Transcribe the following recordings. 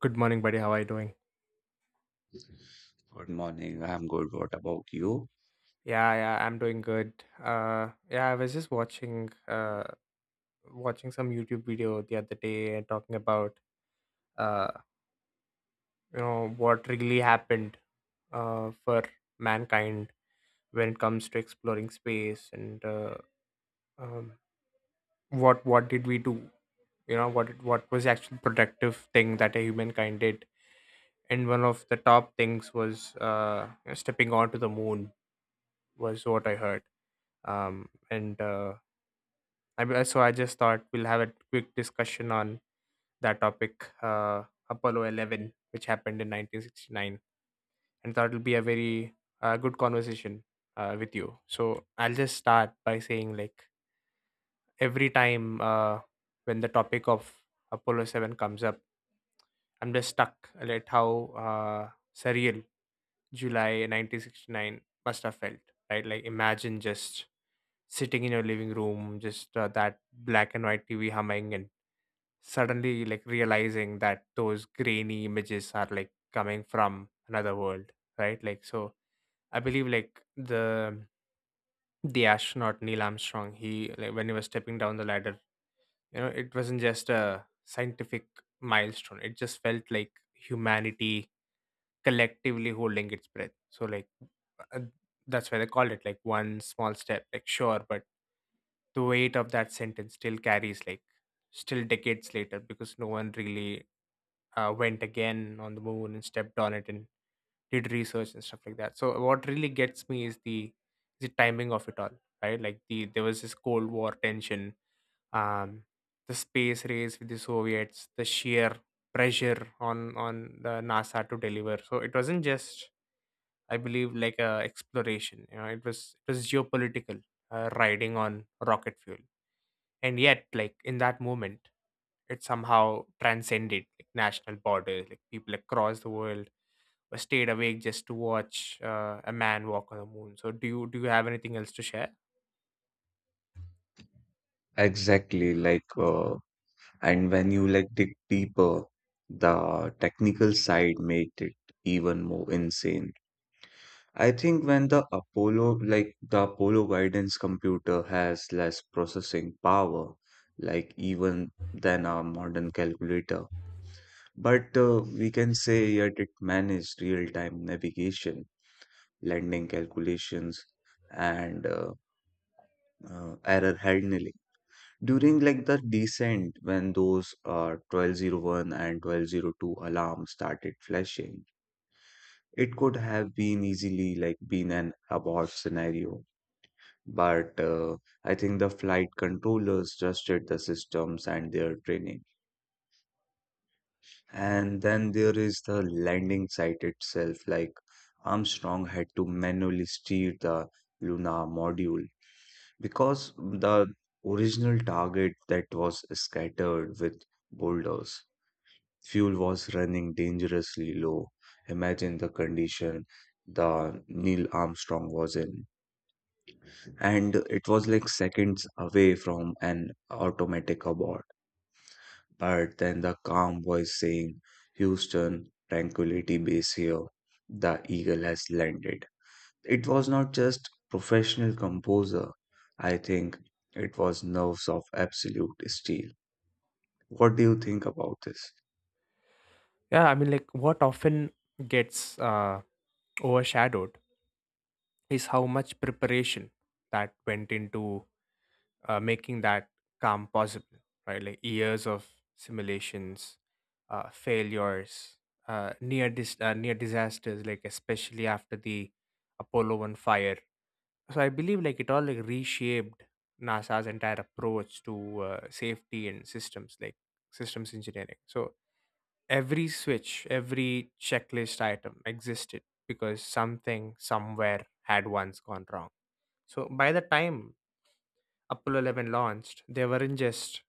Good morning, buddy. How are you doing? Good morning. I'm good. What about you? Yeah, yeah, I'm doing good. Yeah, I was just watching watching some YouTube video the other day and talking about uh you know what really happened for mankind when it comes to exploring space and um what did we do? You know what was the actual productive thing that a humankind did? And one of the top things was stepping onto the moon was what I heard um and uh so I just thought we'll have a quick discussion on that topic, Apollo 11, which happened in 1969, and thought it'll be a very good conversation with you. So I'll just start by saying, like, every time when the topic of Apollo 7 comes up, I'm just stuck at like, how surreal July 1969 must have felt, right? Like, imagine just sitting in your living room, just that black and white TV humming and suddenly like realizing that those grainy images are like coming from another world, right? Like, so I believe like the astronaut Neil Armstrong, he like when he was stepping down the ladder, you know, it wasn't just a scientific milestone. It just felt like humanity collectively holding its breath. So like uh, that's why they called it like one small step, like, sure, but the weight of that sentence still carries like still decades later because no one really went again on the moon and stepped on it, in did research and stuff like that. So what really gets me is the timing of it all, right? Like there was this Cold War tension. um the space race with the Soviets, the sheer pressure on on the NASA to deliver. So it wasn't just, I believe, like a exploration, you know, it was, it was geopolitical, riding on rocket fuel. And yet like in that moment, it somehow transcended like national borders. Like people across the world stayed awake just to watch a man walk on the moon. So do you have anything else to share? Exactly. And when you like dig deeper, the technical side made it even more insane. I think when the Apollo guidance computer has less processing power, like even than a modern calculator. But We can say yet it managed real-time navigation, landing calculations, and error handling. During like the descent, when those 1201 and 1202 alarms started flashing, it could have been easily like been an abort scenario. But I think the flight controllers trusted the systems and their training. And then there is the landing site itself. Like Armstrong had to manually steer the Luna module because the original target that was scattered with boulders. Fuel was running dangerously low. Imagine the condition the Neil Armstrong was in. And it was like seconds away from an automatic abort. But then the calm voice saying, Houston, Tranquility Base here. The Eagle has landed. It was not just professional composure. I think it was nerves of absolute steel. What do you think about this? Yeah, I mean, like what often gets overshadowed is how much preparation that went into making that calm possible, right? Like years of simulations, failures, near disasters, like especially after the Apollo One fire. So I believe like it all like reshaped NASA's entire approach to safety and systems, like systems engineering. So every switch, every checklist item existed because something somewhere had once gone wrong. So by the time Apollo 11 launched, they weren't just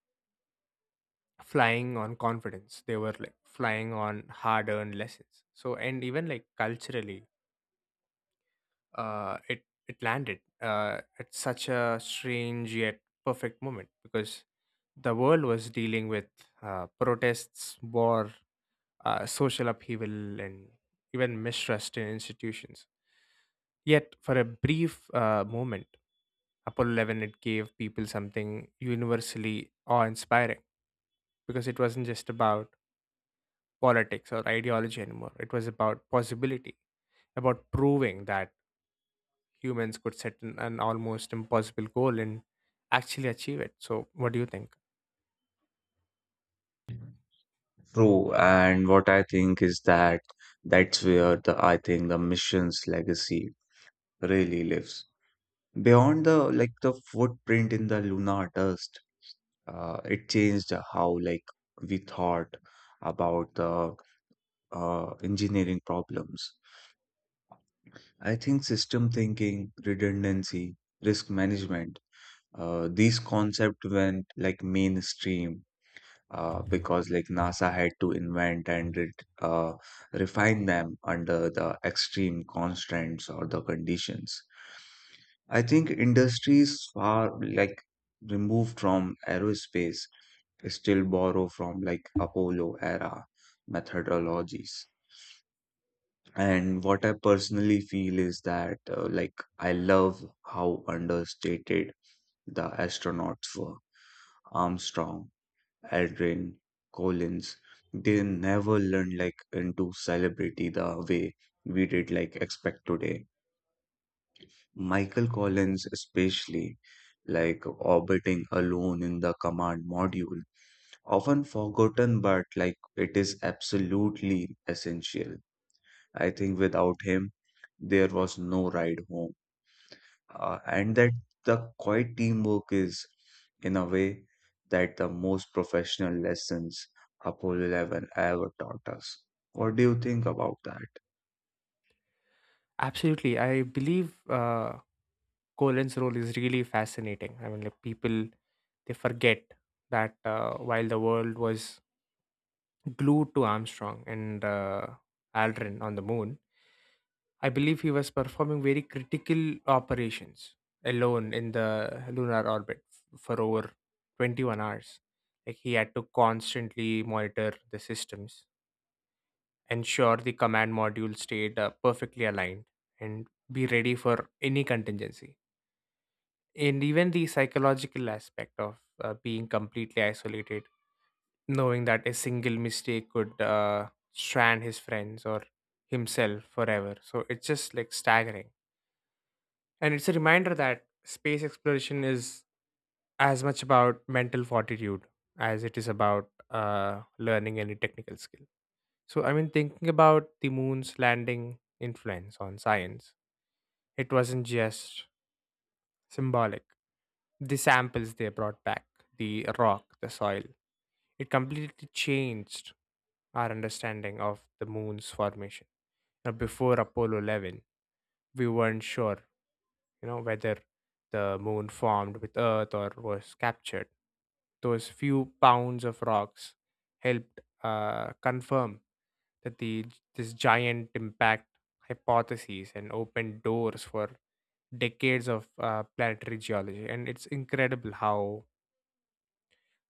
flying on confidence, they were like flying on hard earned lessons. So and even like culturally, uh it it landed at such a strange yet perfect moment because the world was dealing with protests, war, social upheaval, and even mistrust in institutions. Yet, for a brief moment, Apollo 11, it gave people something universally awe-inspiring because it wasn't just about politics or ideology anymore. It was about possibility, about proving that humans could set an almost impossible goal and actually achieve it. So, what do you think? True, and what I think is that that's where the I think the mission's legacy really lives. Beyond the footprint in the lunar dust, it changed how like we thought about the engineering problems. I think system thinking, redundancy, risk management, these concepts went like mainstream because like NASA had to invent and re uh, refine them under the extreme constraints or the conditions. I think industries far like removed from aerospace still borrow from like Apollo era methodologies. And what I personally feel is that like I love how understated the astronauts were. Armstrong, Aldrin, Collins, they never learned like into celebrity the way we did like expect today. Michael Collins especially like orbiting alone in the command module, often forgotten, but like it is absolutely essential. I think without him there was no ride home, and that the quiet teamwork is, in a way, that the most professional lessons Apollo 11 ever taught us. What do you think about that? Absolutely, I believe. Colin's role is really fascinating. I mean, like people, they forget that while the world was glued to Armstrong and Aldrin on the moon, I believe he was performing very critical operations alone in the lunar orbit for over 21 hours. Like he had to constantly monitor the systems, ensure the command module stayed perfectly aligned, and be ready for any contingency. And even the psychological aspect of being completely isolated, knowing that a single mistake could strand his friends or himself forever. So it's just like staggering, and it's a reminder that space exploration is as much about mental fortitude as it is about learning any technical skill. So I mean thinking about the moon's landing influence on science, it wasn't just symbolic. The samples they brought back, the rock, the soil, it completely changed our understanding of the moon's formation. Now, before Apollo 11, we weren't sure, you know, whether the moon formed with Earth or was captured. Those few pounds of rocks helped confirm that the this giant impact hypothesis and opened doors for decades of planetary geology. And it's incredible how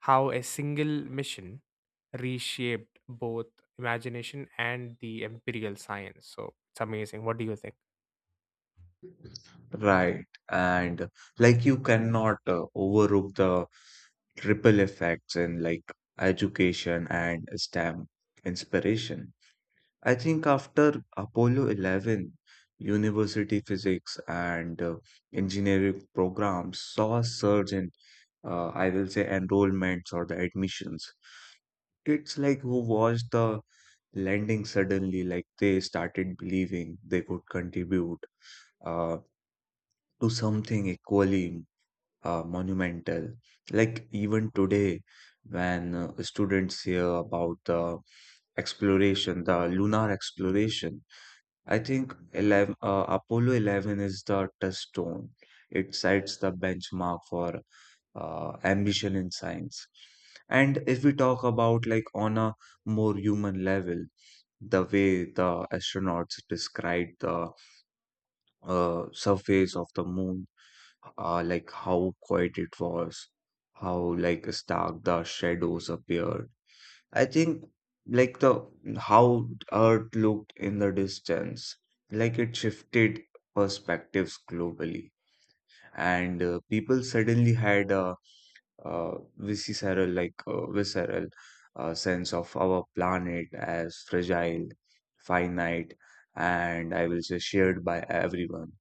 how a single mission reshaped both imagination and the imperial science. So it's amazing, what do you think? Right, and like you cannot overlook the ripple effects in like education and STEM inspiration. I think after Apollo 11, university physics and engineering programs saw a surge in, I will say, enrollments or the admissions. It's like who watched the landing suddenly, like they started believing they could contribute uh, to something equally monumental. Like even today, when students hear about the exploration, the lunar exploration, I think Apollo 11 is the touchstone. It sets the benchmark for ambition in science. And if we talk about like on a more human level, the way the astronauts described the surface of the moon, like how quiet it was, how like stark the shadows appeared, I think like the how Earth looked in the distance, like it shifted perspectives globally, and people suddenly had a visceral sense of our planet as fragile, finite, and I will say shared by everyone.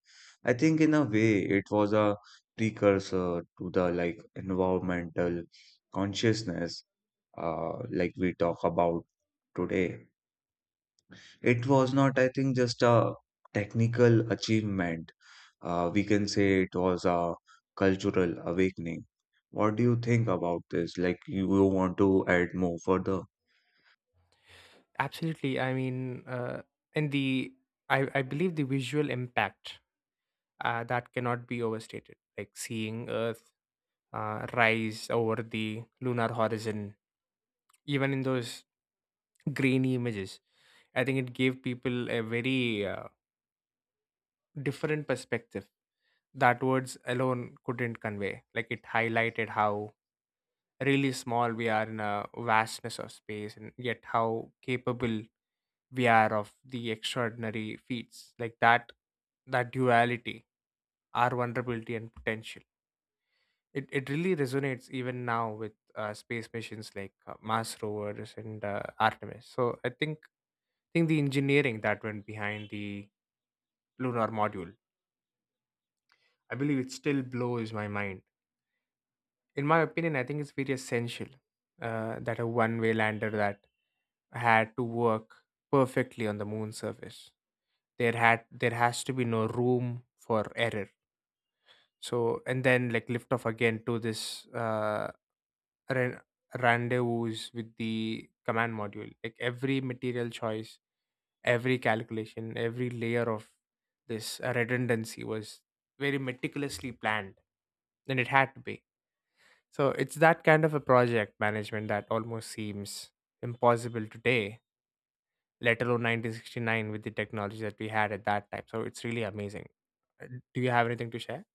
I think in a way it was a precursor to the like environmental consciousness like we talk about today. It was not, I think, just a technical achievement. We can say it was a cultural awakening. What do you think about this? Like, you want to add more further? Absolutely. I mean, and the I believe the visual impact that cannot be overstated. Like seeing Earth rise over the lunar horizon, even in those grainy images, I think it gave people a very different perspective that words alone couldn't convey. Like it highlighted how really small we are in a vastness of space, and yet how capable VR of the extraordinary feats like that, that duality, our vulnerability and potential. It really resonates even now with space missions like Mars rovers and Artemis. So I think the engineering that went behind the lunar module, I believe it still blows my mind. In my opinion, I think it's very essential that a one way lander that had to work perfectly on the moon surface. There has to be no room for error. So and then like lift off again to this ran- rendezvous with the command module. Like every material choice, every calculation, every layer of this redundancy was very meticulously planned, and it had to be. So it's that kind of a project management that almost seems impossible today, let alone 1969 with the technology that we had at that time. So it's really amazing. Uh, Do you have anything to share?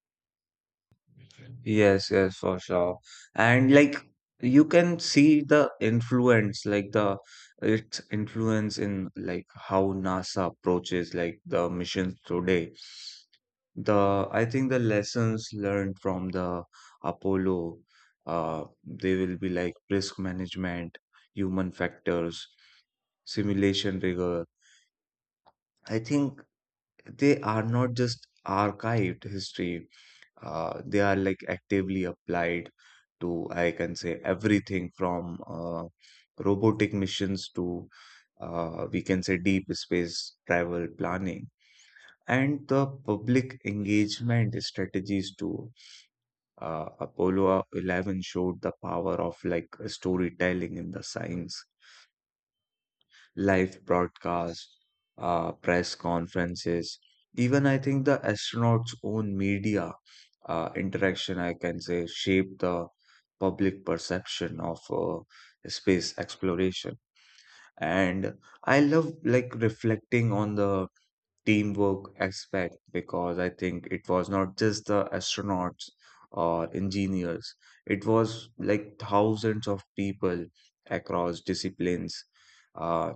Yes, yes, for sure. And like you can see the influence, like the its influence in like how NASA approaches like the missions today. The I think the lessons learned from the Apollo, they will be like risk management, human factors, simulation rigor. I think they are not just archived history, they are like actively applied to, I can say, everything from robotic missions to, we can say, deep space travel planning and the public engagement strategies too. Apollo 11 showed the power of like storytelling in the science, live broadcast, press conferences, even I think the astronauts' own media interaction, I can say, shaped the public perception of space exploration. And I love like reflecting on the teamwork aspect because I think it was not just the astronauts or engineers, it was like thousands of people across disciplines. Uh,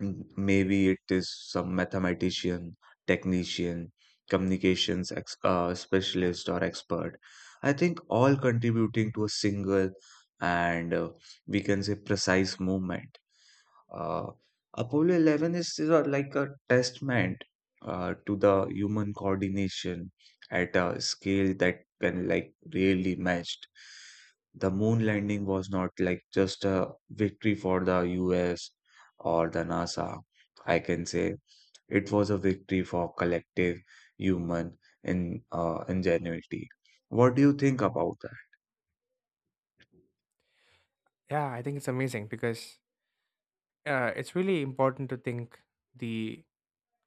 Maybe it is some mathematician, technician, communications ex specialist, or expert. I think all contributing to a single and we can say precise movement. Uh, Apollo 11 is, is a, like a testament to the human coordination at a scale that can like really matched. The moon landing was not like just a victory for the US or the NASA. I can say it was a victory for collective human in ingenuity. What do you think about that? Yeah, I think it's amazing because it's really important to think the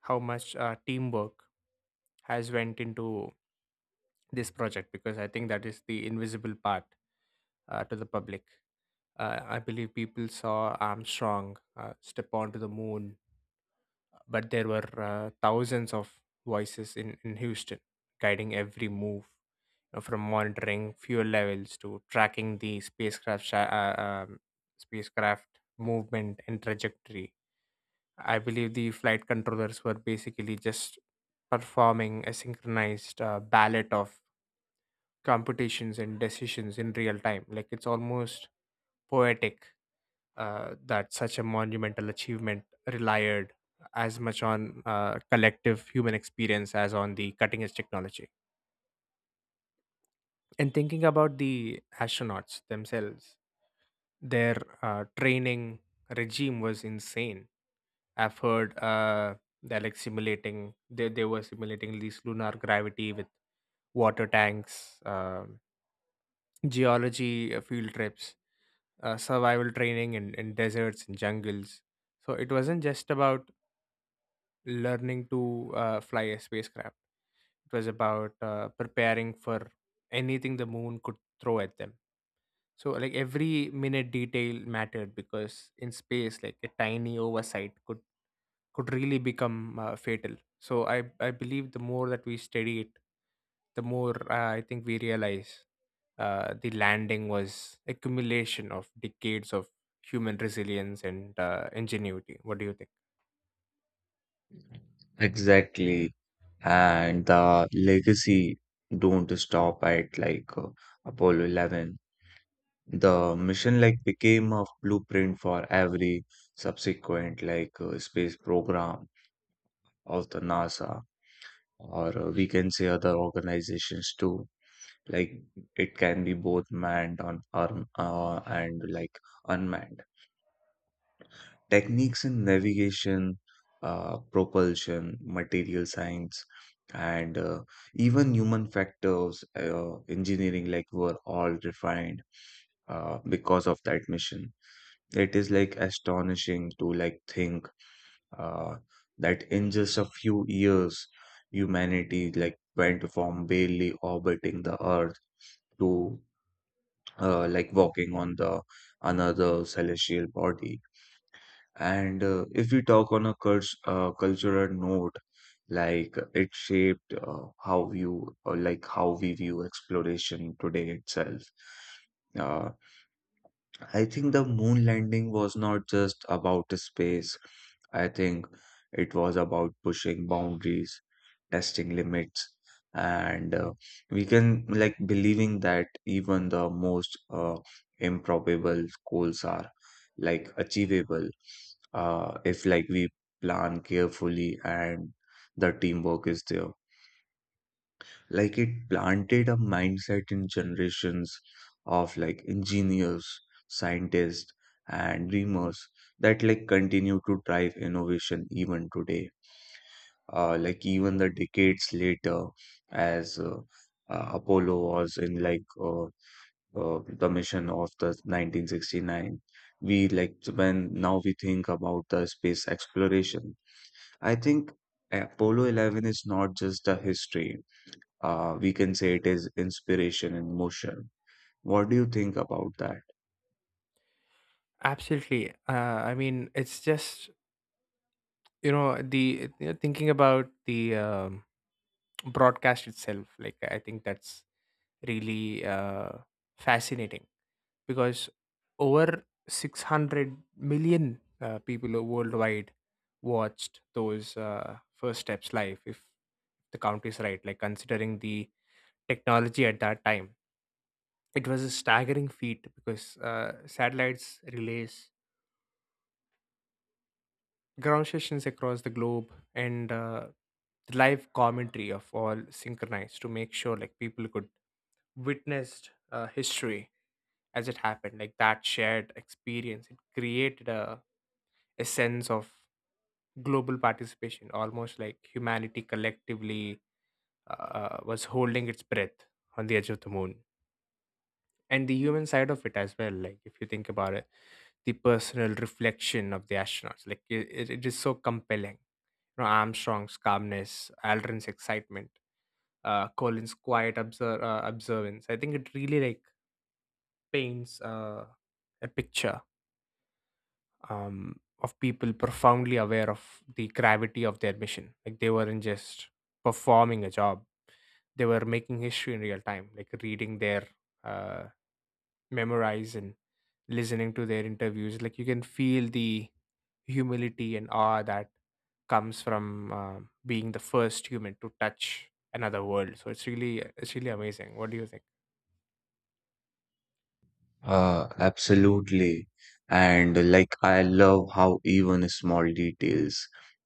how much teamwork has went into this project because I think that is the invisible part to the public. I believe people saw Armstrong step onto the moon, but there were thousands of voices in Houston guiding every move, you know, from monitoring fuel levels to tracking the spacecraft uh, um, spacecraft movement and trajectory. I believe the flight controllers were basically just performing a synchronized ballet of computations and decisions in real time. Like it's almost poetic that such a monumental achievement relied as much on collective human experience as on the cutting edge technology. And thinking about the astronauts themselves, their training regime was insane. I've heard they're like simulating, they were simulating these lunar gravity with water tanks, geology field trips, survival training in deserts and jungles. So it wasn't just about learning to fly a spacecraft. It was about preparing for anything the moon could throw at them. So like every minute detail mattered because in space, like a tiny oversight could really become fatal. So I believe the more that we study it, the more I think we realize the landing was accumulation of decades of human resilience and ingenuity. What do you think? Exactly. And the legacy don't stop at like Apollo 11. The mission like became a blueprint for every subsequent like space program of the NASA or we can say other organizations too. Like it can be both manned on arm and like unmanned. Techniques in navigation, propulsion, material science, and even human factors, engineering, like were all refined because of that mission. It is like astonishing to like think uh, that in just a few years, humanity like went from barely orbiting the Earth to like walking on the another celestial body, and if we talk on a curs cultural note, like it shaped how you like how we view exploration today itself. Uh, I think the moon landing was not just about the space. I think it was about pushing boundaries, testing limits, and we can like believing that even the most improbable goals are like achievable if like we plan carefully and the teamwork is there. Like it planted a mindset in generations of like engineers, scientists, and dreamers that like continue to drive innovation even today. Like even the decades later, as Apollo was in like the mission of the 1969, we like when now we think about the space exploration. I think Apollo 11 is not just a history. We can say it is inspiration in motion. What do you think about that? Absolutely. I mean, it's just thinking about the broadcast itself. Like I think that's really fascinating because over 600 million people worldwide watched those first steps live. If the count is right, like considering the technology at that time, it was a staggering feat because satellites relays, ground stations across the globe, and the live commentary of all synchronized to make sure like people could witness history as it happened. Like that shared experience, it created a sense of global participation, almost like humanity collectively was holding its breath on the edge of the moon. And the human side of it as well, like if you think about it, the personal reflection of the astronauts, like it is so compelling. You know, Armstrong's calmness, Aldrin's excitement, Colin's quiet observance. I think it really like paints a picture of people profoundly aware of the gravity of their mission. Like they weren't just performing a job, they were making history in real time. Like reading their uh, memorize and listening to their interviews, like you can feel the humility and awe that comes from being the first human to touch another world. So it's really, it's really amazing, what do you think? Absolutely. And like, I love how even small details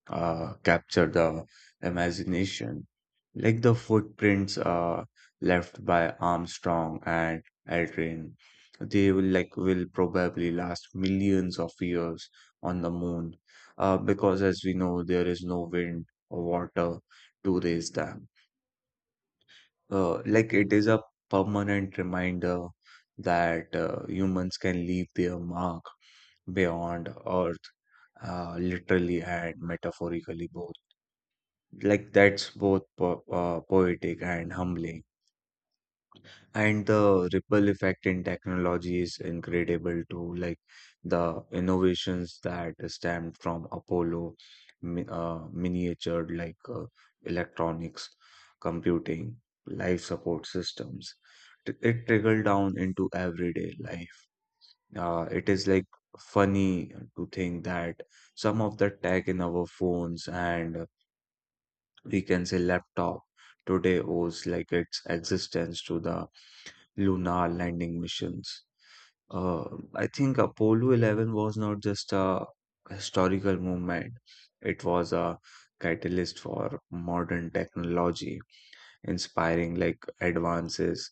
capture the imagination, like the footprints left by Armstrong and Aldrin. They will like will probably last millions of years on the moon, because as we know, there is no wind or water to raise them. Like it is a permanent reminder that humans can leave their mark beyond Earth, literally and metaphorically both. Like that's both po poetic and humbling. And the ripple effect in technology is incredible too, like the innovations that stemmed from Apollo, miniature like electronics, computing, life support systems. It trickled down into everyday life. It is like funny to think that some of the tech in our phones and we can say laptop today owes like its existence to the lunar landing missions. Uh, I think Apollo 11 was not just a historical movement, it was a catalyst for modern technology, inspiring like advances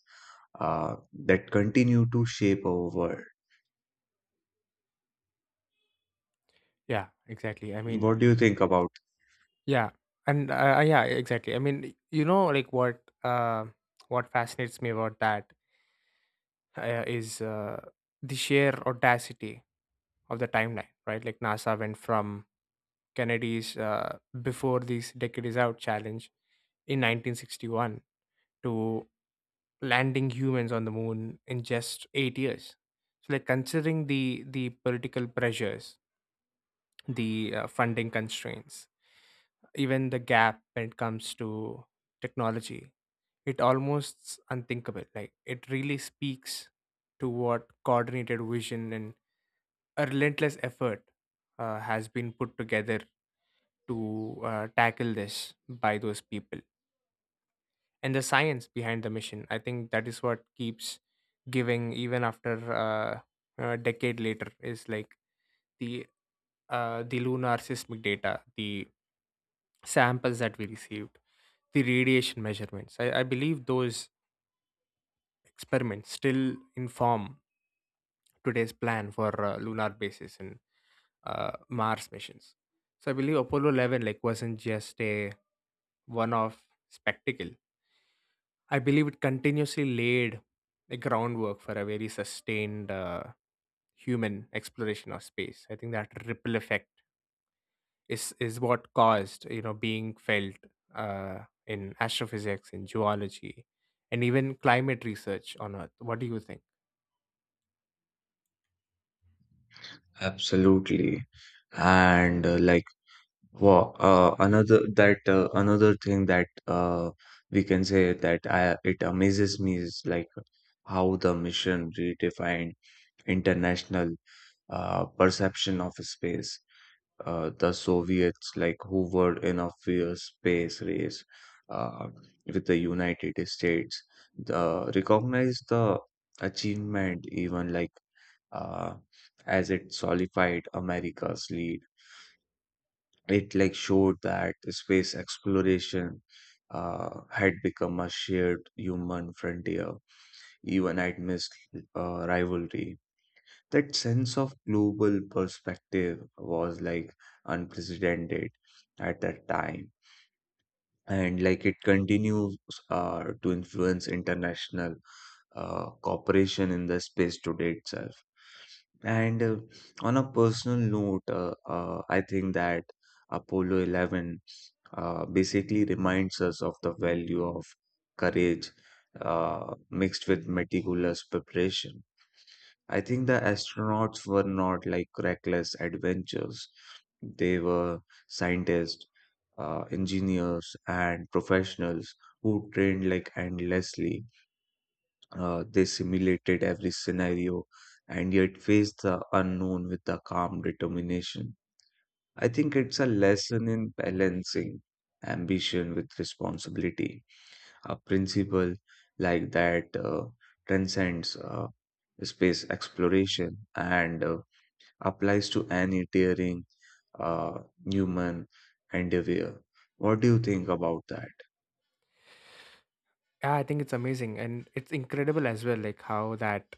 uh, that continue to shape our world. yeah exactly i mean What do you think about? yeah, and yeah, exactly, I mean, you know, like what fascinates me about that is the sheer audacity of the timeline, right? Like NASA went from Kennedy's before this decade is out challenge in 1961 to landing humans on the moon in just 8 years. So, like considering the political pressures, the funding constraints, even the gap when it comes to technology, it almost unthinkable. Like it really speaks to what coordinated vision and a relentless effort has been put together to tackle this by those people. And the science behind the mission, I think that is what keeps giving even after uh, a decade later is like the the lunar seismic data, the samples that we received, the radiation measurements. I believe those experiments still inform today's plan for lunar bases and Mars missions. So I believe Apollo 11 like wasn't just a one-off spectacle. I believe it continuously laid the groundwork for a very sustained human exploration of space. I think that ripple effect is what caused you know being felt uh, in astrophysics, in geology, and even climate research on Earth. What do you think? Absolutely. And like, Wow. Another thing that we can say that I, it amazes me is like how the mission redefined international perception of space. The Soviets, like who were in a fierce space race uh, with the United States, the, recognized the achievement even like uh, as it solidified America's lead, it like showed that space exploration had become a shared human frontier, even amidst rivalry. That sense of global perspective was like unprecedented at that time, and like it continues to influence international cooperation in the space today itself. And on a personal note, I think that Apollo 11 basically reminds us of the value of courage mixed with meticulous preparation. I think the astronauts were not like reckless adventurers, they were scientists, engineers, and professionals who trained like endlessly. They simulated every scenario and yet faced the unknown with the calm determination. I think it's a lesson in balancing ambition with responsibility. A principle like that transcends space exploration and applies to any daring uh, human endeavor. What do you think about that? Yeah, I think it's amazing and it's incredible as well, like how that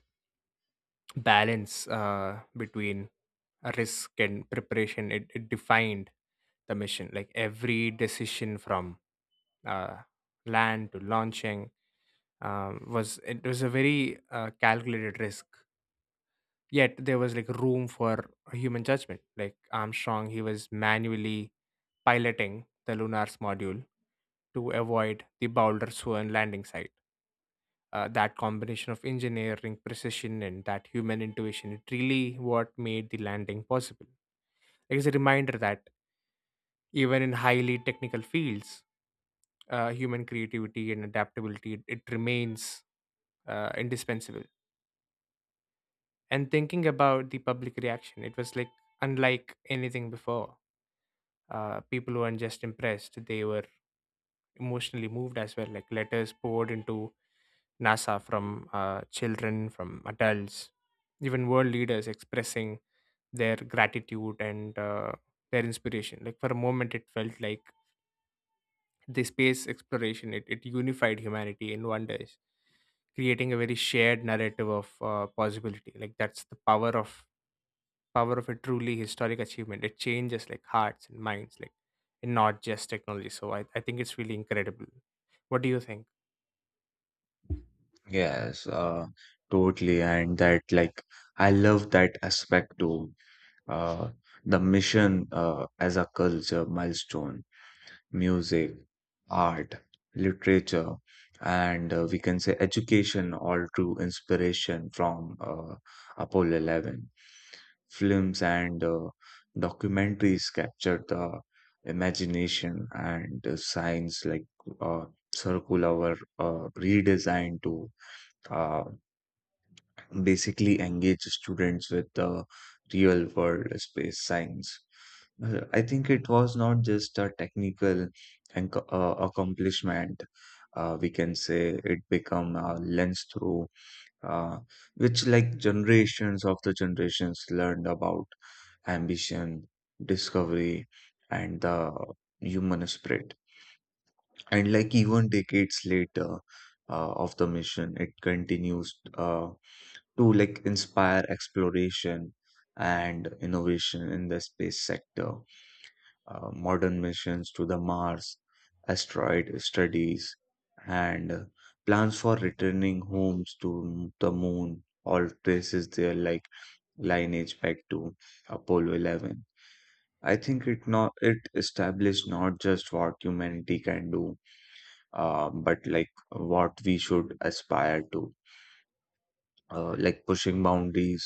balance between risk and preparation it defined the mission. Like every decision from uh, land to launching was it was a very calculated risk. Yet there was like room for human judgment. Like Armstrong, he was manually piloting the Lunar's module to avoid the Boulder Swan landing site. That combination of engineering precision and that human intuition, it really what made the landing possible. Like, it's a reminder that even in highly technical fields, human creativity and adaptability it remains indispensable. And thinking about the public reaction, it was like unlike anything before. People weren't just impressed, they were emotionally moved as well, like letters poured into NASA, from children, from adults, even world leaders expressing their gratitude and their inspiration. Like for a moment, it felt like the space exploration it unified humanity in wonders, creating a very shared narrative of possibility. Like that's the power of a truly historic achievement. It changes like hearts and minds, like, and not just technology. So I think it's really incredible. What do you think? Yes, totally. And that, like, I love that aspect too. Uh, the mission as a culture milestone, music, art, literature, and we can say education, all drew inspiration from Apollo 11. Films and documentaries captured the imagination and science, like uh, circular were redesigned to uh, basically engage students with the real world space science. I think it was not just a technical and accomplishment. We can say it become a lens through uh, which like generations of the generations learned about ambition, discovery, and the human spirit. And like even decades later of the mission, it continues. To like inspire exploration and innovation in the space sector. Modern missions to the Mars, asteroid studies, and plans for returning homes to the moon all traces their like lineage back to Apollo 11. I think it not it established not just what humanity can do, but like what we should aspire to. Like pushing boundaries,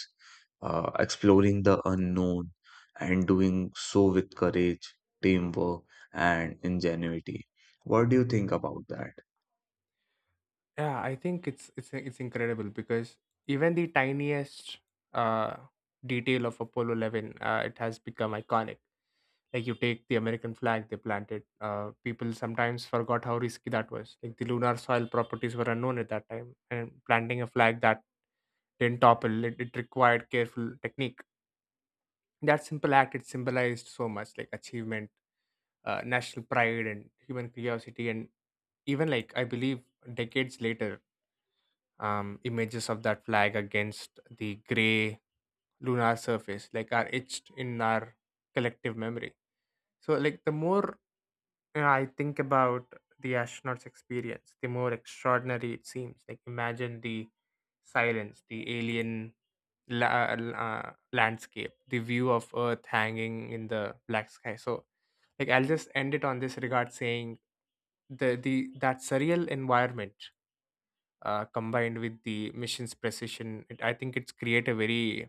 exploring the unknown, and doing so with courage, teamwork, and ingenuity. What do you think about that? Yeah, I think it's incredible because even the tiniest uh, detail of Apollo 11, it has become iconic. Like you take the American flag they planted, people sometimes forgot how risky that was. Like the lunar soil properties were unknown at that time, and planting a flag that didn't topple, it required careful technique. That simple act it symbolized so much, like achievement, national pride, and human curiosity, and even like I believe decades later, images of that flag against the gray lunar surface like are etched in our collective memory. So like the more you know, I think about the astronauts experience, the more extraordinary it seems. Like imagine the silence, the alien landscape, the view of Earth hanging in the black sky. So like I'll just end it on this regard saying the that surreal environment combined with the mission's precision, I think it's create a very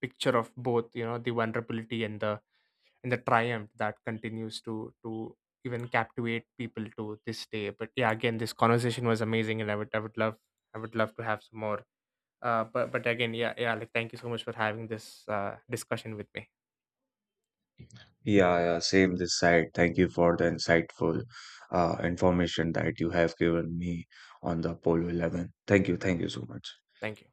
picture of both, you know, the vulnerability and the triumph that continues to even captivate people to this day. But yeah, again, this conversation was amazing, and I would love to have some more. But again, yeah, like thank you so much for having this discussion with me. Yeah, yeah, same this side. Thank you for the insightful information that you have given me on the Apollo 11. Thank you so much. Thank you.